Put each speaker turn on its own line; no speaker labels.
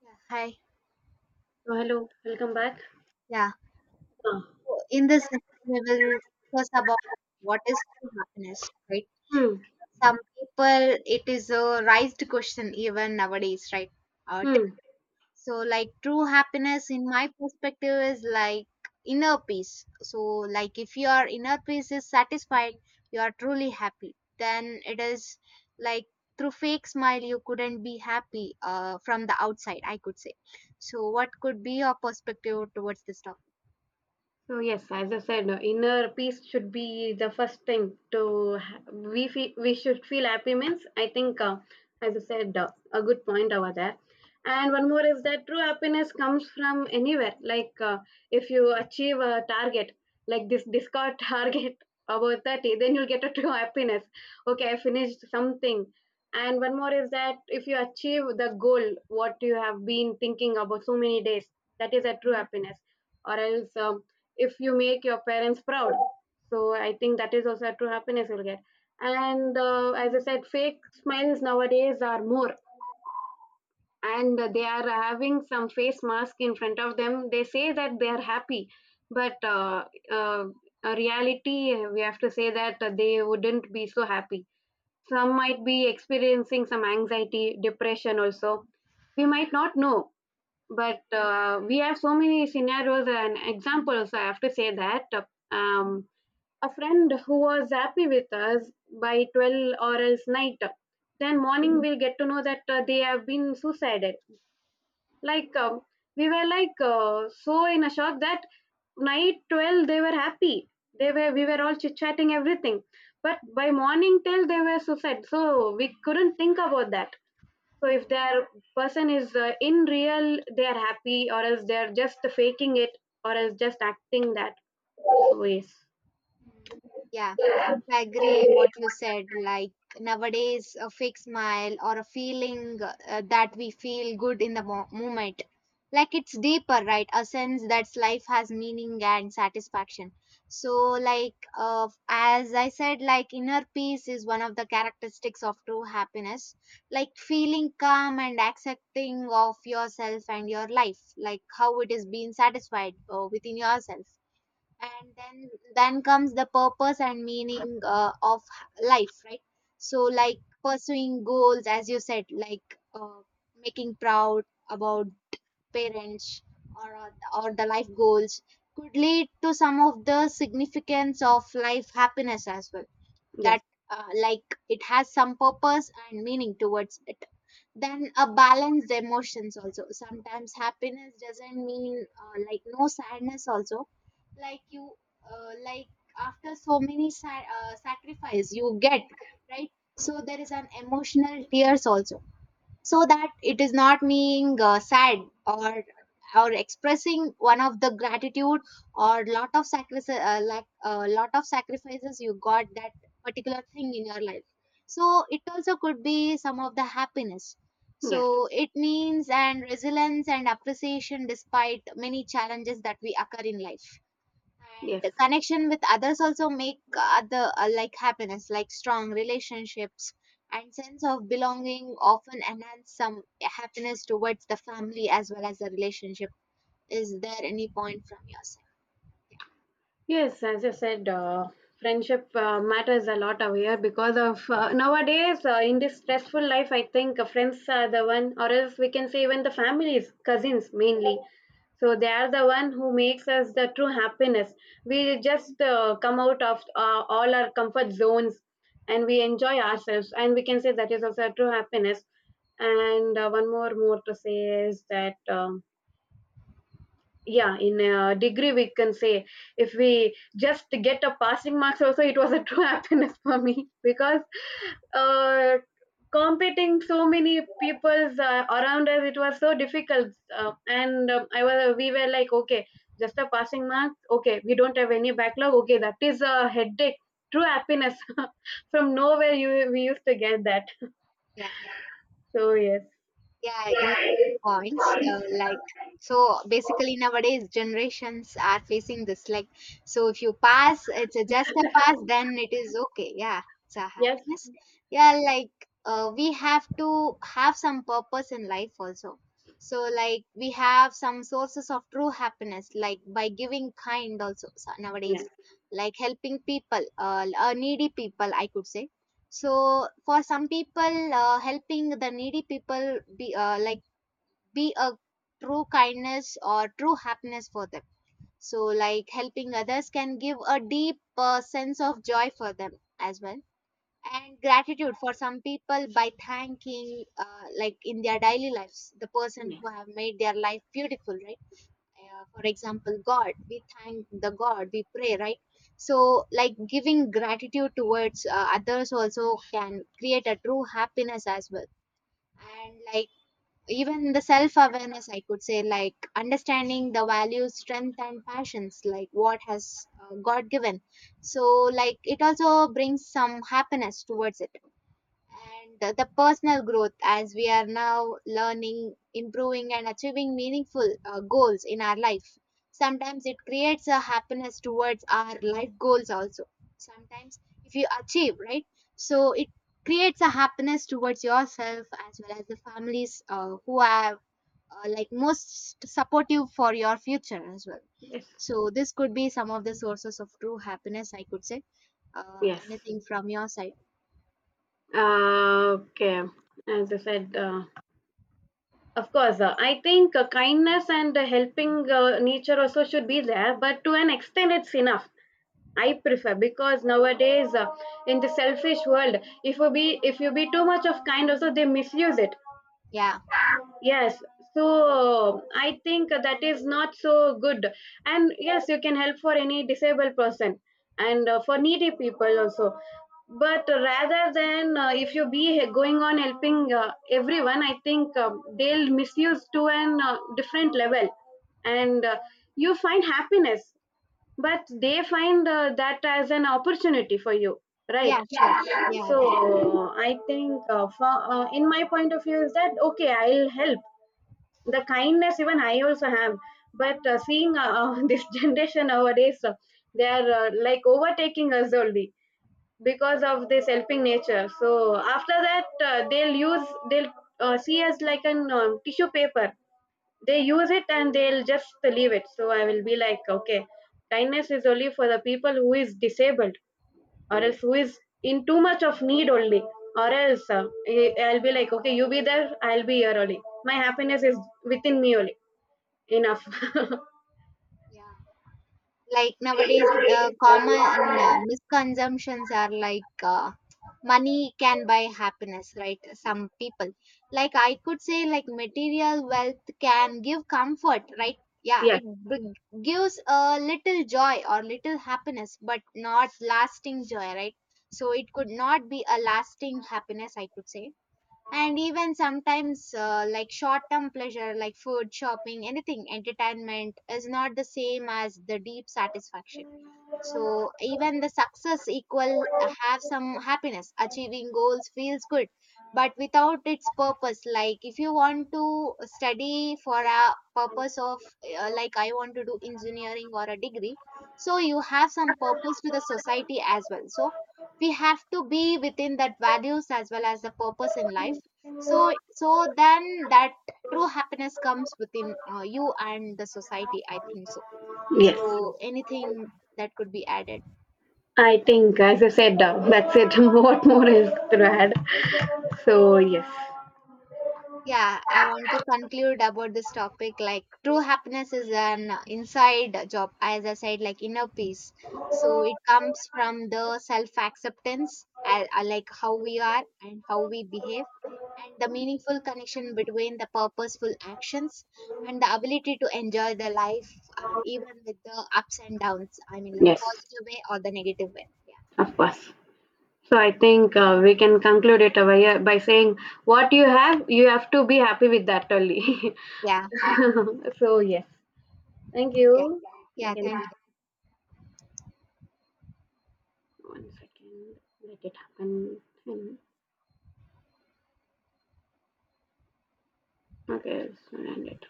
Yeah, hi.
So hello, welcome back.
Yeah.
Uh,
So in this, session, we will discuss about what is true happiness, right?
Hmm,
Some people, it is a raised question even nowadays, right? Uh, t-
hmm.
so, like, true happiness, in my perspective, is like inner peace. So, like, if your inner peace is satisfied, you are truly happy. Then it is like through fake smile, you couldn't be happy from the outside, I could say. So, what could be your perspective towards this topic?
So yes, as I said, inner peace should be the first thing to ha- we fe- we should feel happy means. I think, as I said, a good point over there. And one more is that true happiness comes from anywhere. Like if you achieve a target, like this Discord target about 30, then you'll get a true happiness. Okay, I finished something. And one more is that if you achieve the goal, what you have been thinking about so many days, that is a true happiness, or else if you make your parents proud, so I think that is also a true happiness you'll get. And as I said, fake smiles nowadays are more, and they are having some face mask in front of them, they say that they are happy, but uh, a reality we have to say that they wouldn't be so happy. Some might be experiencing some anxiety depression also, we might not know, but we have so many scenarios and examples, I have to say that um, a friend who was happy with us by 12 or else night. Then morning we'll get to know that they have been suicided. Like we were like so in a shock that night 12 they were happy. They were we were all chit chatting everything, but by morning till they were suicide. So we couldn't think about that. So if their person is in real, they are happy, or else they are just faking it, or else just acting that. So yes,
Yeah. I agree what you said. Like nowadays, a fake smile or a feeling that we feel good in the moment, like it's deeper, right? A sense that life has meaning and satisfaction. So, like, as I said, like inner peace is one of the characteristics of true happiness. Like feeling calm and accepting of yourself and your life, like how it is being satisfied within yourself and then comes the purpose and meaning of life, right? So, like pursuing goals, as you said, like making proud about parents, or uh, or the life goals could lead to some of the significance of life happiness as well.
yes,
That like it has some purpose and meaning towards it, then a balanced emotions also. Sometimes happiness doesn't mean like no sadness also. Like you uh, like after so many sacrifice you get, right? So there is an emotional tears also, so that it is not being sad, or or expressing one of the gratitude or lot of sacrifice, lot of sacrifices you got that particular thing in your life. So it also could be some of the happiness,
yes,
so it means and resilience and appreciation despite many challenges that we occur in life. And
yes.
the connection with others also make other like happiness, like strong relationships and sense of belonging often enhance some happiness towards the family as well as the relationship. Is there any point from your side?
Yes, as you said, friendship matters a lot over here because of nowadays in this stressful life, I think friends are the one, or else we can say even the families, cousins mainly. So they are the one who makes us the true happiness. We just come out of all our comfort zones, and we enjoy ourselves, and we can say that is also a true happiness. And one more to say is that, yeah, in a degree we can say, if we just get a passing marks also, it was a true happiness for me, because uh, competing so many people's around us it was so difficult, and I was we were like, okay, just a passing mark, okay we don't have any backlog, okay that is a headache, true happiness from nowhere you we used to get that.
Yeah.
So yes,
Yeah, I agree with your points. Like, so basically nowadays generations are facing this. Like, so if you pass, it's a just a pass, then it is okay. Yeah, it's a
yes,
happiness. Yeah, like we have to have some purpose in life also. So like we have some sources of true happiness, like by giving kind also. So
yes,
nowadays, like helping people, needy people, I could say. So for some people, helping the needy people be like be a true kindness or true happiness for them. So like helping others can give a deep sense of joy for them as well, and gratitude for some people by thanking like in their daily lives the person
yes,
who have made their life beautiful, right? For example God, we thank the God, we pray, right? So like giving gratitude towards others also can create a true happiness as well. And like even the self awareness, I could say, like understanding the values, strength and passions, like what has God given. So like it also brings some happiness towards it, and the personal growth as we are now learning, improving and achieving meaningful goals in our life. Sometimes it creates a happiness towards our life goals also. Sometimes if you achieve, right? So it creates a happiness towards yourself as well as the families who are like most supportive for your future as well.
yes,
So this could be some of the sources of true happiness, I could say.
yes.
Anything from your side?
Okay, as I said, of course, I think kindness and helping nature also should be there, but to an extent, it's enough. I prefer, because nowadays in the selfish world, if you be too much of kind, also they misuse it.
Yeah.
Yes, so I think that is not so good. And yes, you can help for any disabled person, and for needy people also. But rather than if you be going on helping everyone, I think they'll misuse to an different level, and you find happiness, but they find that as an opportunity for you,
Yeah,
right?
sure.
Yeah.
Yeah, agree.
So I think for, in my point of view is that, okay, I'll help. The kindness even I also have, but seeing this generation nowadays they are like overtaking us only because of this helping nature, so after that they'll see us like an tissue paper, they use it and they'll just leave it. So I will be like, okay, kindness is only for the people who is disabled, or else who is in too much of need only, or else I'll be like, okay, you be there, I'll be here only. My happiness is within me only. Enough.
Yeah. Like nowadays, common misconceptions are like money can buy happiness, right? Some people. Like I could say, like material wealth can give comfort, right? Yeah,
Yes,
it b- gives a little joy or little happiness, but not lasting joy, right? So it could not be a lasting happiness, I could say. And even sometimes like short term pleasure, like food, shopping, anything, entertainment is not the same as the deep satisfaction. So even the success equal have some happiness, achieving goals feels good, but without its purpose. Like if you want to study for a purpose of like I want to do engineering or a degree, so you have some purpose to the society as well. So we have to be within that values as well as the purpose in life. So then that true happiness comes within you and the society, I think so.
yes.
So anything that could be added?
I think, as I said, that's it. What more is to add? So, yes,
Yeah, I want to conclude about this topic. Like true happiness is an inside job, as I said, like inner peace. So it comes from the self acceptance, like how we are and how we behave, and the meaningful connection between the purposeful actions and the ability to enjoy the life, even with the ups and downs. I mean, like
yes,
positive way or the negative way.
of course. So, I think we can conclude it by saying, what you have to be happy with that only.
Yeah, yeah,
So, yes, thank
yeah,
you. We
yeah.
can
Thank
one second, let it happen. Hmm. Okay, so end it.